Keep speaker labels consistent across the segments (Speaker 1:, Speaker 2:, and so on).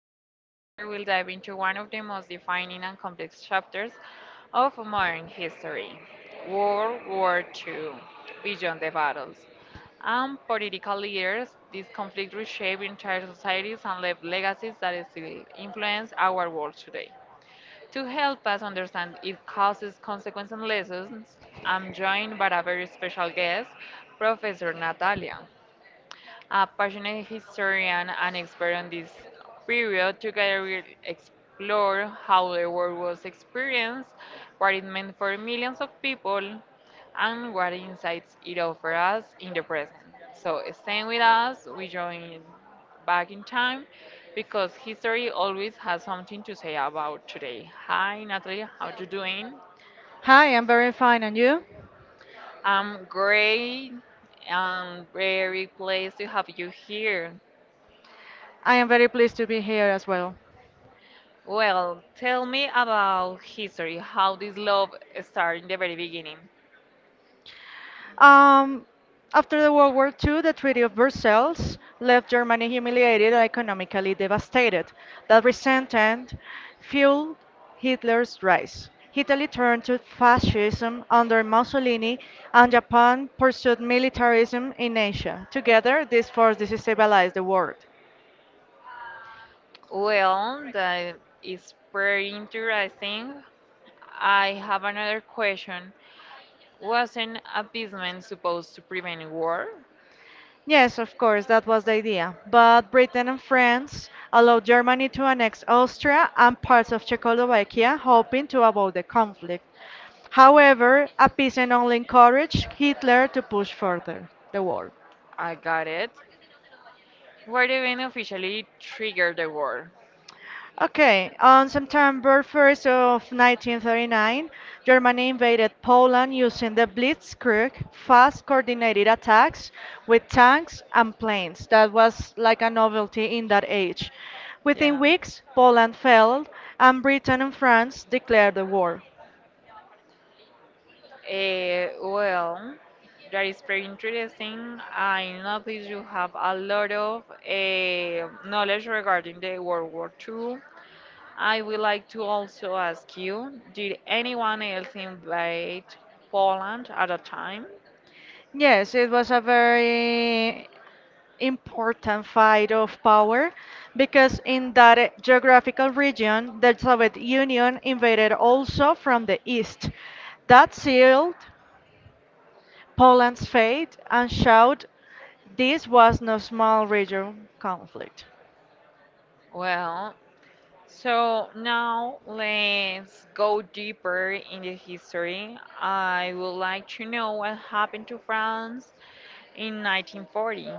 Speaker 1: host, and together we'll dive into one of the most defining and complex chapters of modern history, World War II, Beyond the Battles. And political leaders, this conflict reshaped entire societies and left legacies that still influence our world today. To help us understand its causes, consequences, and lessons, I'm joined by a very special guest, Professor Natalia. A passionate historian and expert on this period, together we'll explore how the war was experienced, what it meant for millions of people, and what insights it offers us in the present. So, staying with us, we join back in time because history always has something to say about today. Hi, Natalie, how you doing?
Speaker 2: Hi, I'm very fine, and you?
Speaker 1: I'm great. I'm very pleased to have you here.
Speaker 2: I am very pleased to be here as well.
Speaker 1: Well, tell me about history, how this love started in the very beginning.
Speaker 2: Um, After the World War II, the Treaty of Versailles left Germany humiliated and economically devastated. That resentment fueled Hitler's rise. Italy turned to fascism under Mussolini, and Japan pursued militarism in Asia. Together, these forces destabilized the world.
Speaker 1: Well, that is very interesting. I have another question. Wasn't appeasement supposed to prevent war?
Speaker 2: Yes, of course, that was the idea. But Britain and France allowed Germany to annex Austria and parts of Czechoslovakia, hoping to avoid the conflict. However, appeasement only encouraged Hitler to push further the war.
Speaker 1: I got it. Were did event officially trigger the war?
Speaker 2: Okay, on September 1st of 1939, Germany invaded Poland using the Blitzkrieg, fast coordinated attacks with tanks and planes. That was like a novelty in that age. Within
Speaker 1: Yeah.
Speaker 2: weeks, Poland fell and Britain and France declared the war.
Speaker 1: Well, that is very interesting. I notice you have a lot of knowledge regarding the World War II. I would like to also ask you, did anyone else invade Poland at a time?
Speaker 2: Yes, it was a very important fight of power because in that geographical region, the Soviet Union invaded also from the east. That sealed Poland's fate and showed this was no small regional conflict.
Speaker 1: Well, so now let's go deeper in the history. I would like to know what happened to France in 1940.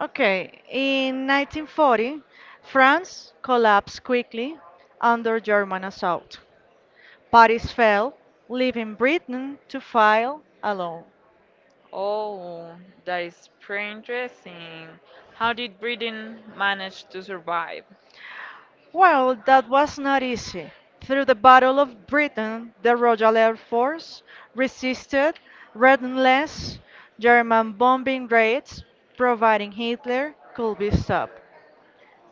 Speaker 2: Okay, in 1940, France collapsed quickly under German assault. Paris fell, leaving Britain to fight alone.
Speaker 1: Oh, that is pretty interesting. How did Britain manage to survive?
Speaker 2: Well, that was not easy. Through the Battle of Britain, the Royal Air Force resisted relentless German bombing raids, providing Hitler could be stopped.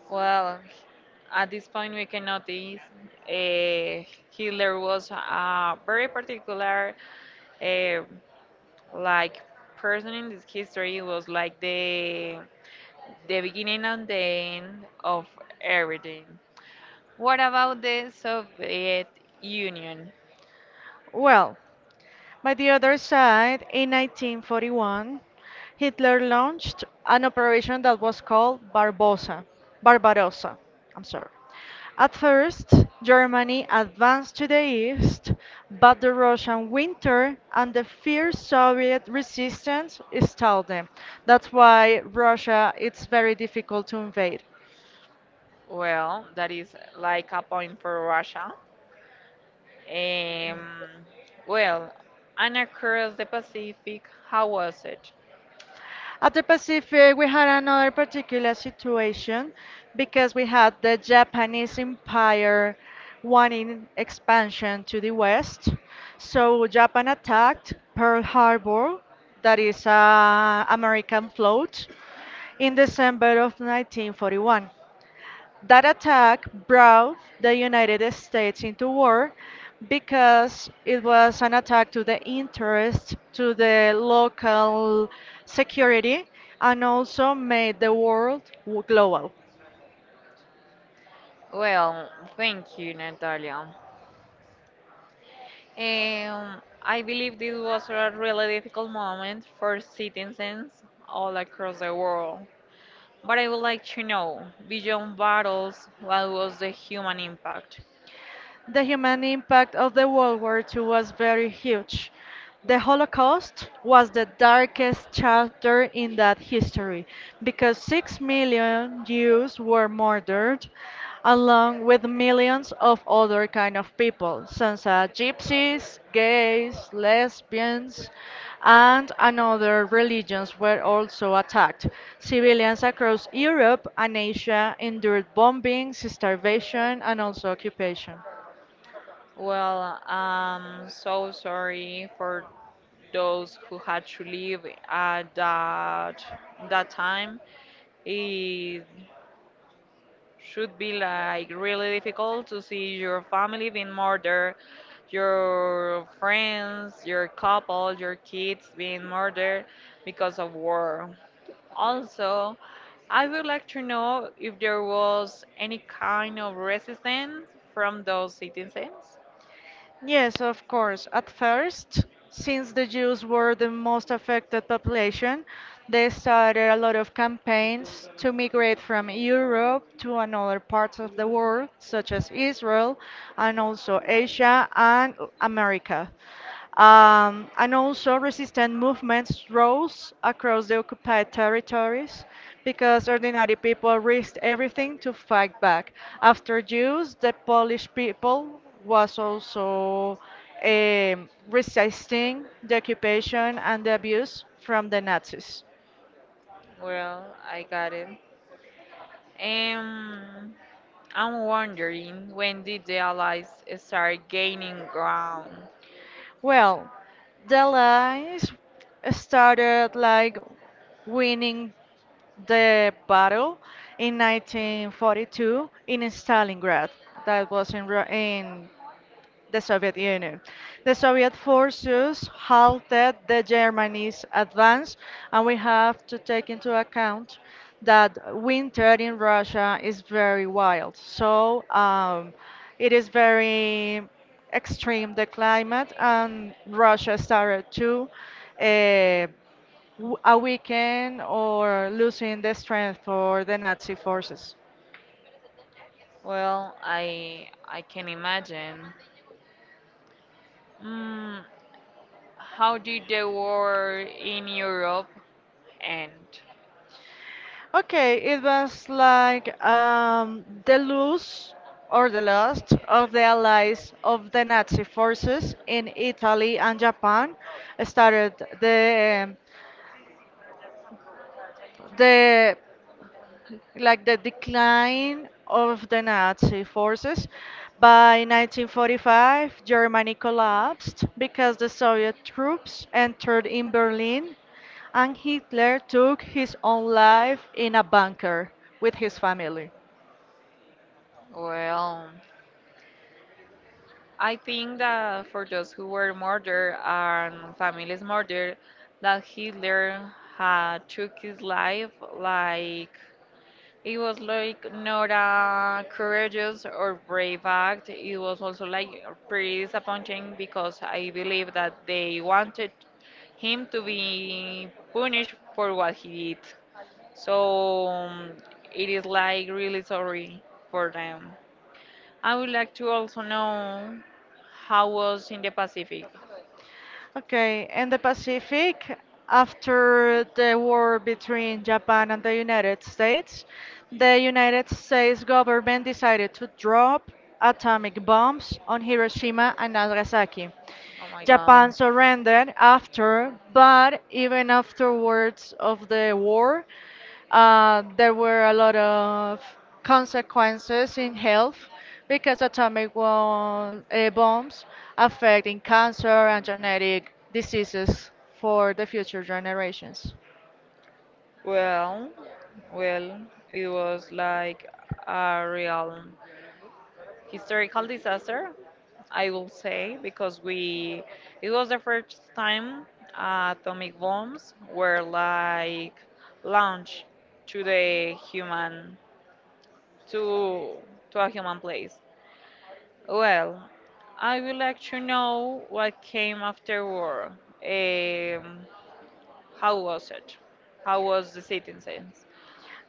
Speaker 1: Well, at this point, we can notice Hitler was a very particular, uh, like person in this history. It was like the beginning and the end of everything. What about the Soviet Union?
Speaker 2: Well, by the other side, in 1941, Hitler launched an operation that was called Barbarossa. I'm sorry. At first, Germany advanced to the east, but the Russian winter and the fierce Soviet resistance stalled them. That's why Russia it's very difficult to invade.
Speaker 1: Well, that is like a point for Russia. Um, well, and across the Pacific, how was it?
Speaker 2: At the Pacific, we had another particular situation because we had the Japanese Empire wanting expansion to the west. So Japan attacked Pearl Harbor, that is a American float, in December of 1941. That attack brought the United States into war because it was an attack to the interest, to the local security, and also made the world global.
Speaker 1: Well, thank you, Natalia. I believe this was a really difficult moment for citizens all across the world. But I would like to know, beyond battles, what was the human impact?
Speaker 2: The human impact of the World War II was very huge. The Holocaust was the darkest chapter in that history because 6 million Jews were murdered along with millions of other kind of people such as gypsies, gays, lesbians and another religions were also attacked. Civilians across Europe and Asia endured bombings, starvation and also occupation.
Speaker 1: Well, I'm so sorry for those who had to leave at that time. It should be like really difficult to see your family being murdered, your friends, your couple, your kids being murdered because of war. Also, I would like to know if there was any kind of resistance from those citizens.
Speaker 2: Yes, of course. At first, since the Jews were the most affected population, they started a lot of campaigns to migrate from Europe to another parts of the world, such as Israel and also Asia and America. And also, resistance movements rose across the occupied territories because ordinary people risked everything to fight back. After Jews, the Polish people was also resisting the occupation and the abuse from the Nazis.
Speaker 1: Well, I got it. Um, I'm wondering when did the Allies start gaining ground?
Speaker 2: Well, the lines started like winning the battle in 1942 in Stalingrad. That was in, in the Soviet Union. The Soviet forces halted the Germany's advance, and we have to take into account that winter in Russia is very wild. So it is very extreme, the climate, and Russia started to uh, a weaken or losing the strength for the Nazi forces.
Speaker 1: Well, I can imagine. Mm, how did the war in Europe end?
Speaker 2: Okay, it was like the loss or the lost of the allies of the Nazi forces in Italy and Japan started the um, the like the decline of the Nazi forces. By 1945, Germany collapsed because the Soviet troops entered in Berlin and Hitler took his own life in a bunker with his family.
Speaker 1: Well, I think that for those who were murdered and families murdered, that Hitler had took his life like it was like not a courageous or brave act. It was also like pretty disappointing because I believe that they wanted him to be punished for what he did. So it is like really sorry for them. I would like to also know how was in the Pacific.
Speaker 2: Okay, in the Pacific, after the war between Japan and the United States government decided to drop atomic bombs on Hiroshima and Nagasaki.
Speaker 1: Oh my
Speaker 2: Japan
Speaker 1: God.
Speaker 2: surrendered after, but even afterwards of the war, there were a lot of consequences in health because atomic bombs affecting cancer and genetic diseases for the future generations.
Speaker 1: Well, well, it was like a real historical disaster, I will say, because we it was the first time atomic bombs were like launched to the human to to a human place. Well, I would like to know what came after war. Um, how was it? How was the citizens?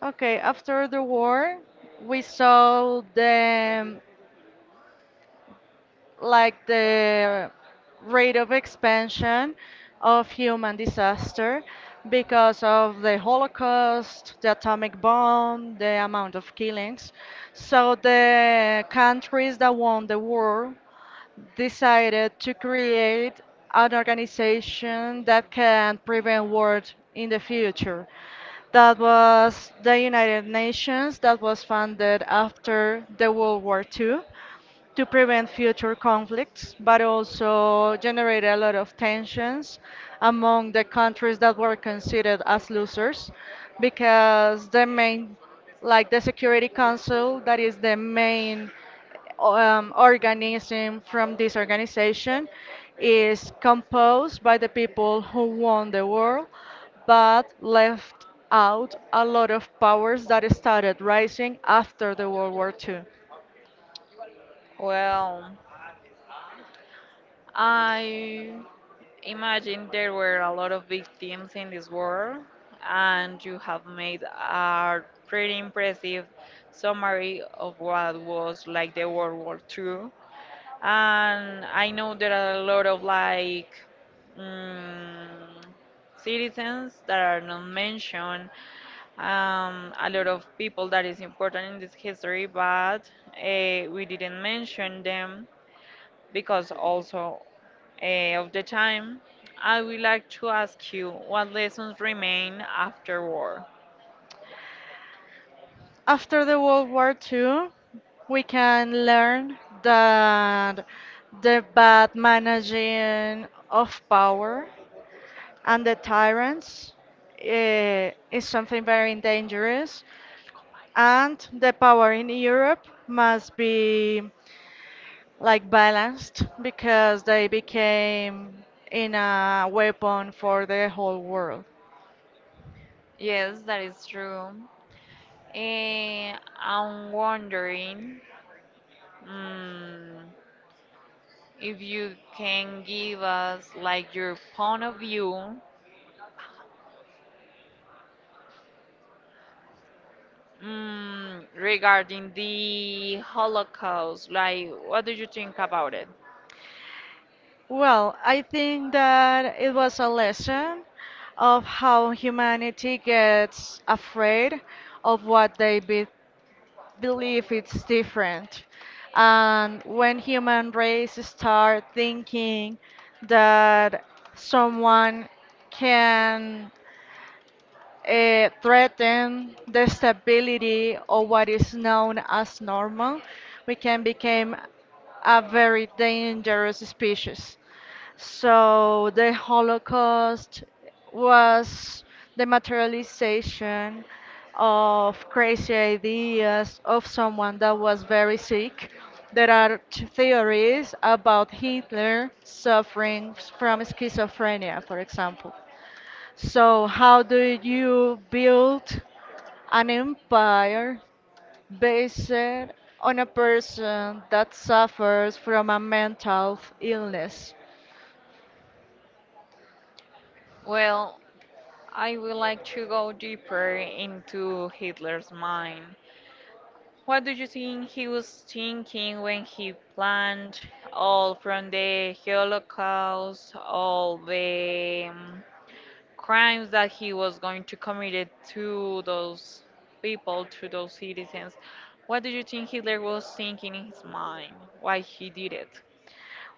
Speaker 2: Okay, after the war, we saw the like the rate of expansion of human disaster because of the Holocaust, the atomic bomb, the amount of killings. So the countries that won the war decided to create an organization that can prevent war in the future. That was the United Nations that was founded after the World War II to prevent future conflicts, but also generate a lot of tensions among the countries that were considered as losers because the main, like the Security Council, that is the main organism from this organization is composed by the people who won the war but left out a lot of powers that started rising after the World War II.
Speaker 1: Well, I imagine there were a lot of victims in this war, and you have made a pretty impressive summary of what was like the World War II. And I know there are a lot of like mm citizens that are not mentioned, a lot of people that is important in this history, but we didn't mention them because also uh, of the time. I would like to ask you what lessons remain after war.
Speaker 2: After the World War Two, we can learn that the bad managing of power and the tyrants is something very dangerous, and the power in Europe must be like balanced because they became in a weapon for the whole world.
Speaker 1: Yes, that is true. I'm wondering. mm If you can give us like your point of view regarding the Holocaust, like what do you think about it?
Speaker 2: Well, I think that it was a lesson of how humanity gets afraid of what they be believe it's different. And when human race start thinking that someone can threaten the stability of what is known as normal, we can become a very dangerous species. So the Holocaust was the materialization of crazy ideas of someone that was very sick. There are theories about Hitler suffering from schizophrenia, for example. So, how do you build an empire based on a person that suffers from a mental illness?
Speaker 1: Well, I would like to go deeper into Hitler's mind. What do you think he was thinking when he planned all from the Holocaust, all the mm, crimes that he was going to commit it to those people, to those citizens. What do you think Hitler was thinking in his mind? Why he did it?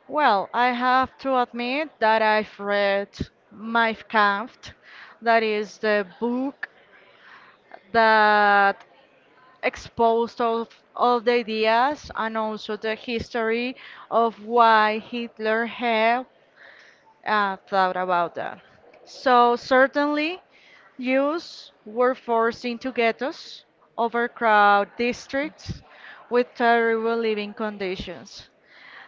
Speaker 2: Well, I have to admit that I've read Mein Kampf, that is the book that exposed all the ideas and also the history of why Hitler had thought about that. So certainly, youths were forced into ghettos, overcrowded districts with terrible living conditions.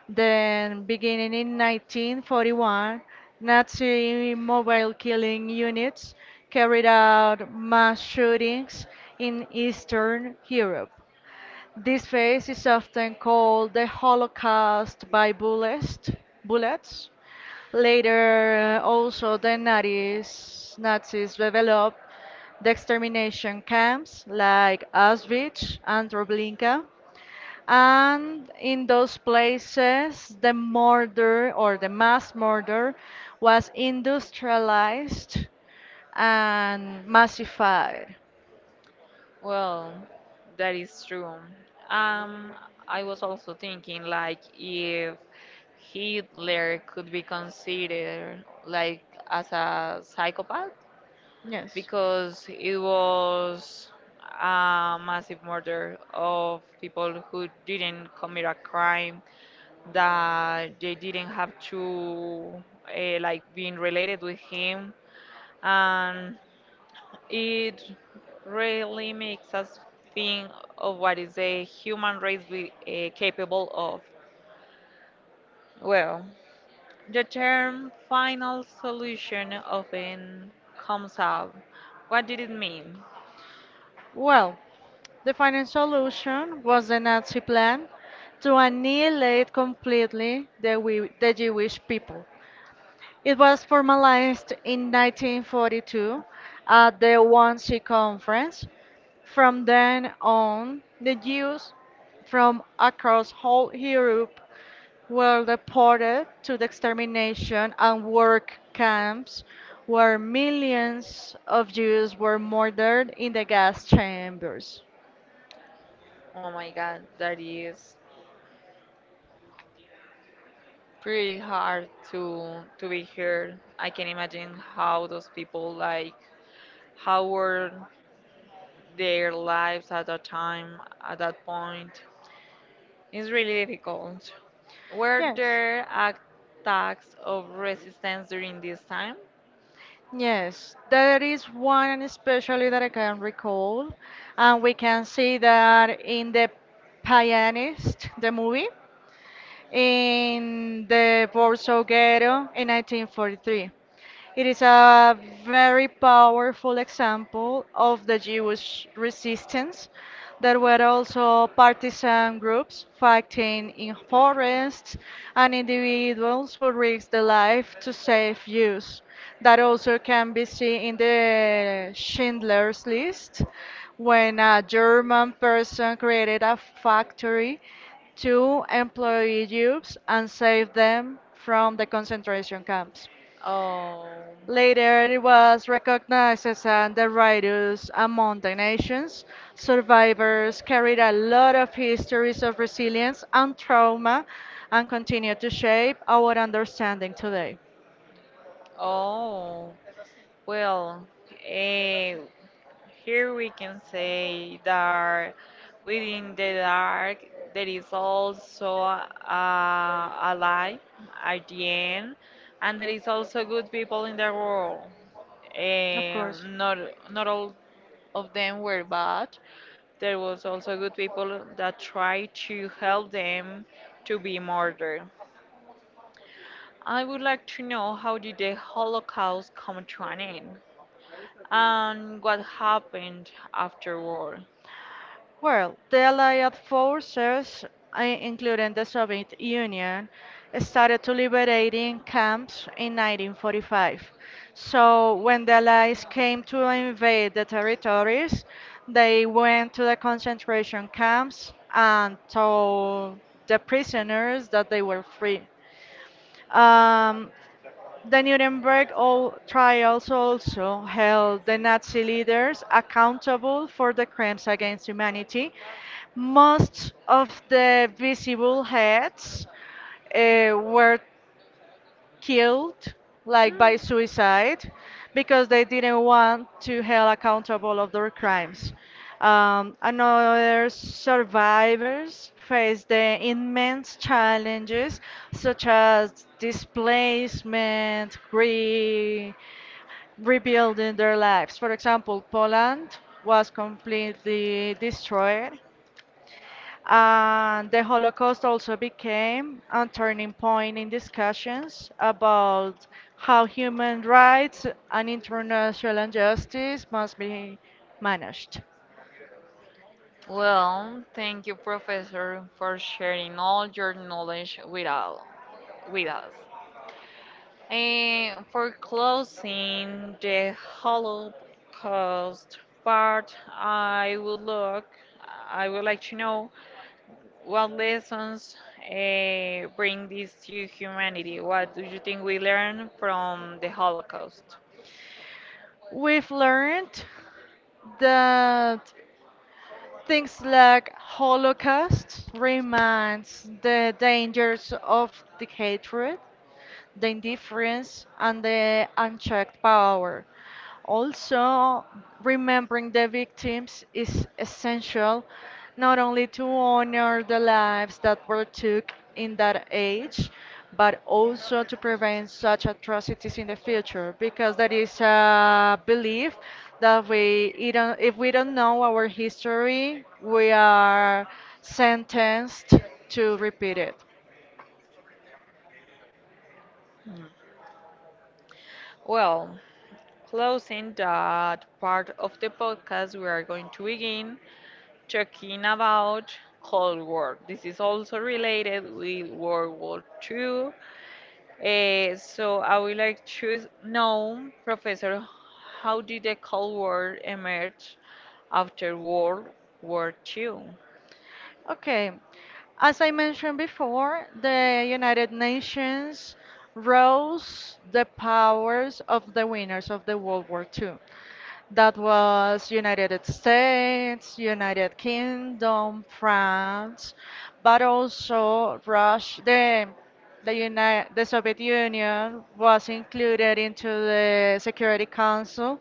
Speaker 2: Then, beginning in 1941, Nazi mobile killing units carried out mass shootings in Eastern Europe. This phase is often called the Holocaust by bullets. Later, also the Nazis developed the extermination camps like Auschwitz and Treblinka. And in those places, the murder or the mass murder was industrialized and massified.
Speaker 1: Well, that is true. Um, I was also thinking like if Hitler could be considered like as a psychopath,
Speaker 2: Yes.
Speaker 1: because it was a massive murder of people who didn't commit a crime that they didn't have to like being related with him, and it really makes us think of what is a human race we, capable of. Well, the term final solution often comes up. What did it mean?
Speaker 2: Well, the final solution was the Nazi plan to annihilate completely the Jewish people. It was formalized in 1942 at the Wannsee Conference. From then on, the Jews from across whole Europe were deported to the extermination and work camps where millions of Jews were murdered in the gas chambers.
Speaker 1: Oh my God, that is pretty hard to be heard. I can imagine how those people like how were their lives at that time, at that point. It's really difficult. Were
Speaker 2: Yes.
Speaker 1: there attacks of resistance during this time?
Speaker 2: Yes, there is one especially that I can recall, and we can see that in the Pianist, the movie, in the Warsaw Ghetto in 1943. It is a very powerful example of the Jewish resistance. There were also partisan groups fighting in forests and individuals who risked their life to save Jews. That also can be seen in the Schindler's List, when a German person created a factory to employ Jews and save them from the concentration camps.
Speaker 1: Oh,
Speaker 2: Later, it was recognized as an detritus among the nations. Survivors carried a lot of histories of resilience and trauma and continue to shape our understanding today.
Speaker 1: oh, well, eh, here we can say that within the dark there is also a light at the end, and there is also good people in the world.
Speaker 2: Of course.
Speaker 1: And not
Speaker 2: Then
Speaker 1: not all of them were
Speaker 2: we're
Speaker 1: bad. There was also good people that tried to help them to be murdered. I would like to know how did the Holocaust come to an end, and what happened
Speaker 2: back.
Speaker 1: afterward.
Speaker 2: Well, the Allied forces, including the Soviet Union, started to liberating camps in 1945. So when the Allies came to invade the territories, they went to the concentration camps and told the prisoners that they were free. Um, the Nuremberg trials also held the Nazi leaders accountable for the crimes against humanity. Most of the visible heads were killed like by suicide because they didn't want to held accountable of their crimes. Another survivors face the immense challenges such as displacement, re rebuilding their lives. For example, Poland was completely destroyed and the Holocaust also became a turning point in discussions about how human rights and international justice must be managed.
Speaker 1: Well, thank you, Professor, for sharing all your knowledge with, all, with us. And for closing the Holocaust part, I would like to know what lessons bring this to humanity. What do you think we learn from the Holocaust?
Speaker 2: We've learned that things like Holocaust reminds the dangers of the hatred the indifference, and the unchecked power. Also, remembering the victims is essential not only to honor the lives that were took in that age, but also to prevent such atrocities in the future, because there is a belief that we it don't, if we don't know our history, we are sentenced to repeat it.
Speaker 1: Hmm. Well, closing that part of the podcast, we are going to begin talking about Cold War. This is also related with World War II. So I would like to know, Professor, how did the Cold War emerge after World War II?
Speaker 2: Okay. As I mentioned before, the United Nations rose the powers of the winners of the World War II. That was United States, United Kingdom, France, but also Russia. The Soviet Union was included into the Security Council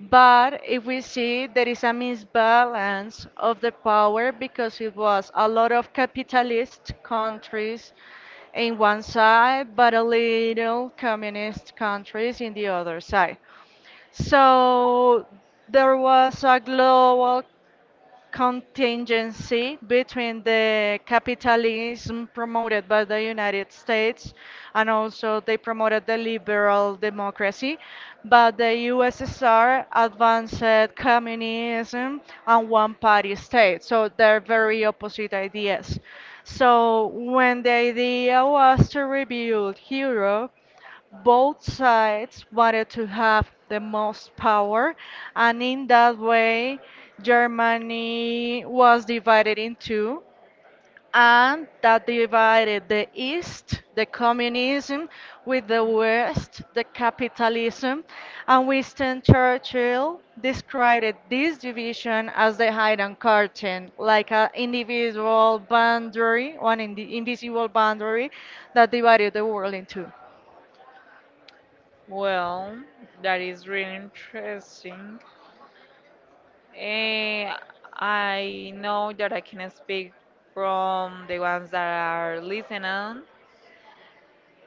Speaker 2: but if we see, there is a misbalance of the power because it was a lot of capitalist countries in one side, but a little communist countries in the other side. So there was a global contingency between the capitalism promoted by the United States and also they promoted the liberal democracy, but the USSR advanced communism and one party state. So they're very opposite ideas. So when the idea was to rebuild Europe, both sides wanted to have the most power, and in that way, Germany was divided in two, and that divided the East, the communism, with the West, the capitalism. And Winston Churchill described this division as the Iron Curtain, like an individual boundary, one in the invisible boundary that divided the world in two.
Speaker 1: Well, that is really interesting. Eh, I know that I can speak from the ones that are listening.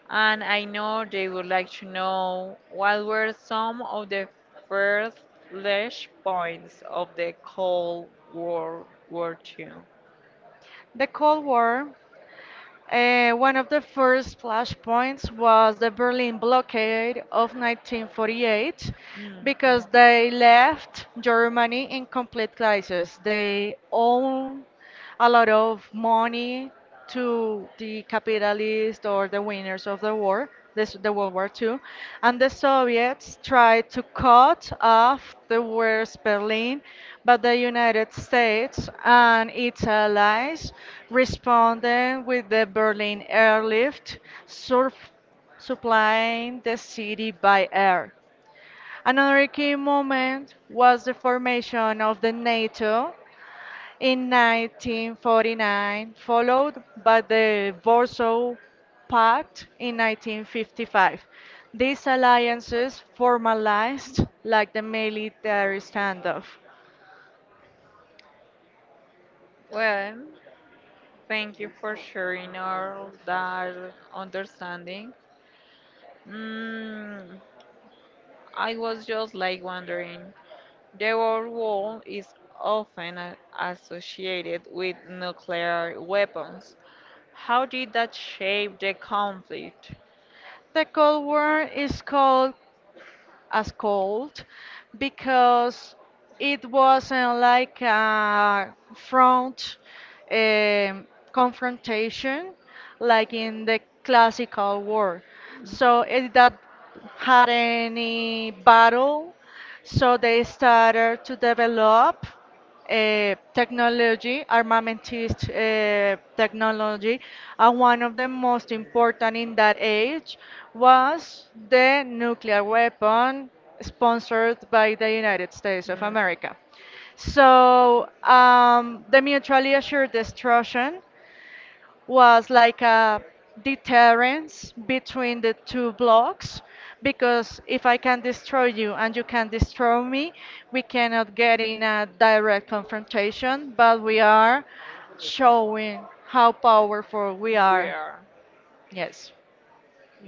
Speaker 1: And I know they would like to know what were some of the first flash points of the Cold World War II.
Speaker 2: The Cold War. One of the first flashpoints was the Berlin blockade of 1948
Speaker 1: Mm,
Speaker 2: because
Speaker 1: mm.
Speaker 2: they left Germany in complete crisis. They owe a lot of money to the capitalists or the winners of the war, the World War II, and the Soviets tried to cut off the West Berlin, but the United States and its allies responded with the Berlin airlift, sur- supplying the city by air. Another key moment was the formation of the NATO in 1949, followed by the Warsaw Pact in 1955. These alliances formalized like the military standoff.
Speaker 1: Well, thank you for sharing all that understanding. Mm, I was just like wondering. The World War is often associated with nuclear weapons. How did that shape the conflict?
Speaker 2: The Cold War is called as cold because it wasn't like a front um, confrontation like in the classical war. So it
Speaker 1: Mm.
Speaker 2: that had any battle, so they started to develop technology, armamentist technology, and one of the most important in that age was the nuclear weapon sponsored by the United States of America. So the mutually assured destruction was like a deterrence between the two blocks because if I can destroy you and you can destroy me, we cannot get in a direct confrontation, but we are showing how powerful we
Speaker 1: We
Speaker 2: are.
Speaker 1: are.
Speaker 2: Yes.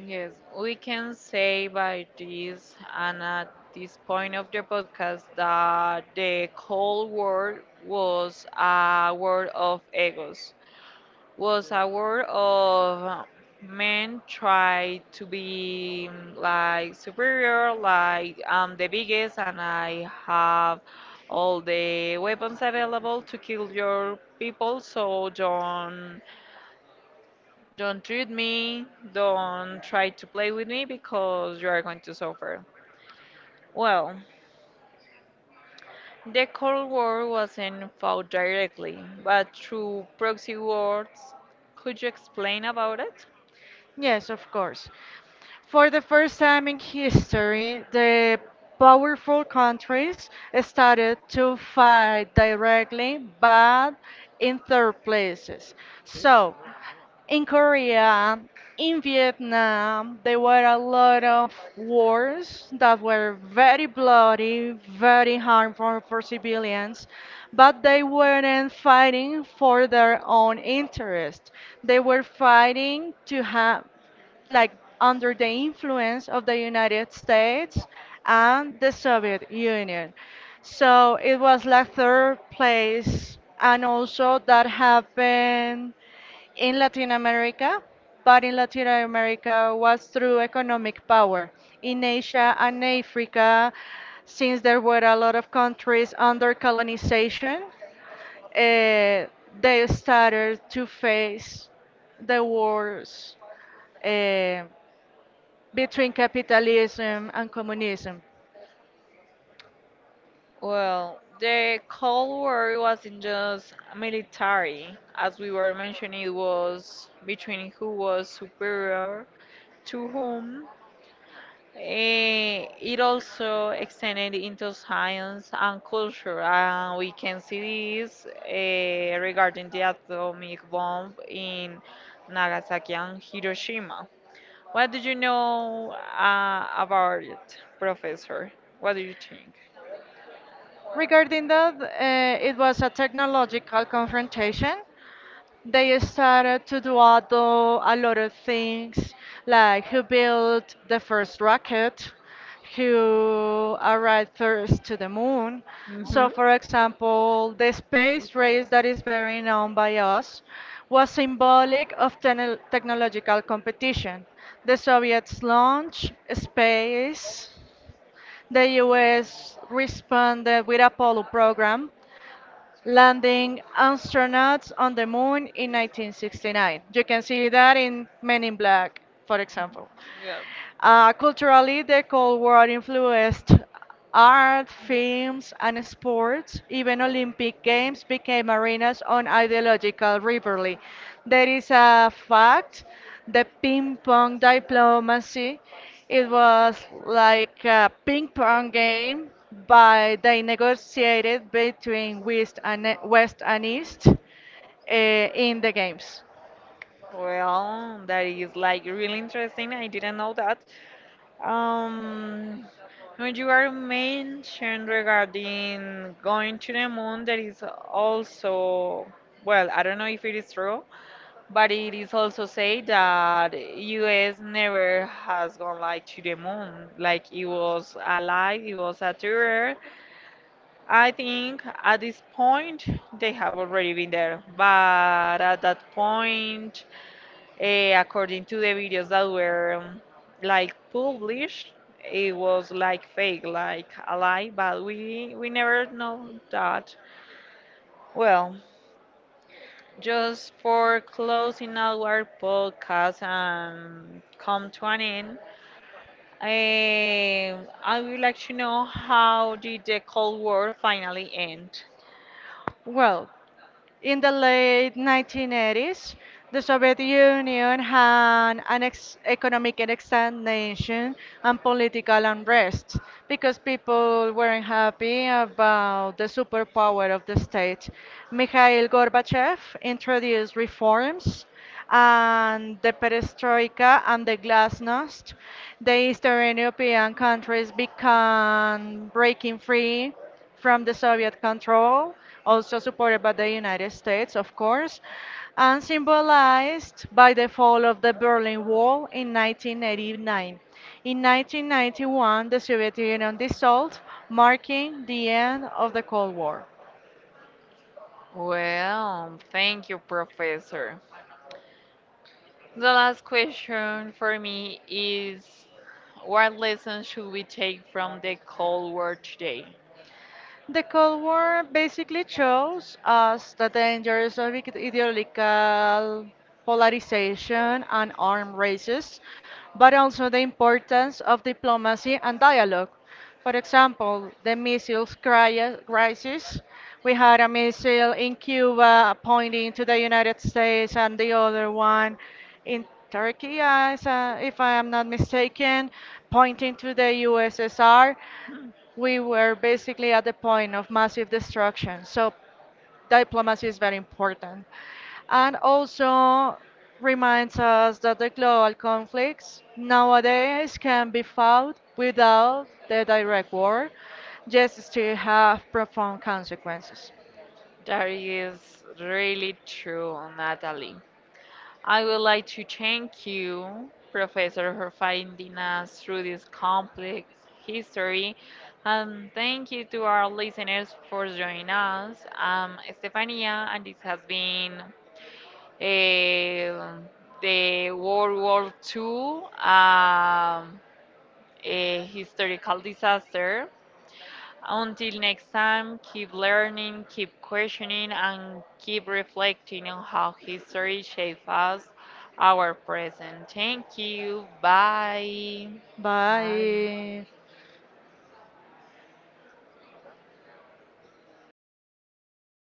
Speaker 1: Yes, we can say by this and at this point of the podcast that the Cold War was a war of egos, was a world of men try to be like superior, like I'm the biggest and I have all the weapons available to kill your people, so don't treat me, don't try to play with me because you are going to suffer. Well, the Cold War wasn't fought directly, but through proxy wars. Could you explain about it?
Speaker 2: Yes, of course. For the first time in history, the powerful countries started to fight directly, but in third places. So, in Korea, in Vietnam, there were a lot of wars that were very bloody, very harmful for civilians, but they weren't fighting for their own interest. They were fighting to have, like, under the influence of the United States and the Soviet Union. So it was like third place, and also that happened in Latin America, but in Latin America was through economic power. In Asia and Africa, since there were a lot of countries under colonization, uh, they started to face the wars uh, between capitalism and communism.
Speaker 1: Well, the Cold War wasn't just military. As we were mentioning, it was between who was superior to whom. It also extended into science and culture, and we can see this regarding the atomic bomb in Nagasaki and Hiroshima. What do you know about it, Professor? What do you think?
Speaker 2: Regarding that, it was a technological confrontation. They started to do a lot of things, like who built the first rocket, who arrived first to the moon. So
Speaker 1: Hmm.
Speaker 2: for example, the space race, that is very known by us, was symbolic of technological competition. The Soviets launched space, the US responded with Apollo program, landing astronauts on the moon in 1969. You can see that in Men in Black, for example.
Speaker 1: Yeah.
Speaker 2: Culturally, the Cold War influenced art, films, and sports. Even Olympic Games became arenas on ideological rivalry. There is a fact, the ping pong diplomacy. It was like a ping pong game, but they negotiated between West and West and East in the games.
Speaker 1: Well, that is like really interesting. I didn't know that. Um, when you are mentioned regarding going to the moon, there is also, well, I don't know if it is true, but it is also said that US never has gone like to the moon. Like it was a lie, it was a tour, I think at this point they have already been there, but at that point, according to the videos that were like published, it was like fake, like a lie, but we never know that. Well, just for closing our podcast and come to an end, eh, I would like to know how did the Cold War finally end?
Speaker 2: Well, in the late 1980s, the Soviet Union had an economic stagnation and political unrest because people weren't happy about the superpower of the state. Mikhail Gorbachev introduced reforms and the perestroika and the glasnost. The Eastern European countries began breaking free from the Soviet control, also supported by the United States, of course, and symbolized by the fall of the Berlin Wall in 1989. In 1991, the Soviet Union dissolved, marking the end of the Cold War.
Speaker 1: Well, thank you, Professor. The last question for me is what lessons should we take from the Cold War today?
Speaker 2: The Cold War basically shows us the dangers of ideological polarization and armed races, but also the importance of diplomacy and dialogue. For example, the missiles crisis. We had a missile in Cuba pointing to the United States and the other one in Turkey, as, if I am not mistaken, pointing to the USSR. We were basically at the point of massive destruction. So diplomacy is very important. And also reminds us that the global conflicts nowadays can be fought without the direct war, just still have profound consequences.
Speaker 1: That is really true, Natalie. I would like to thank you, Professor, for finding us through this complex history. And thank you to our listeners for joining us. Stefania, and this has been uh, the World War II, a historical disaster. Until next time, keep learning, keep questioning, and keep reflecting on how history shapes us, our present. Thank you. Bye. Bye.
Speaker 2: Bye.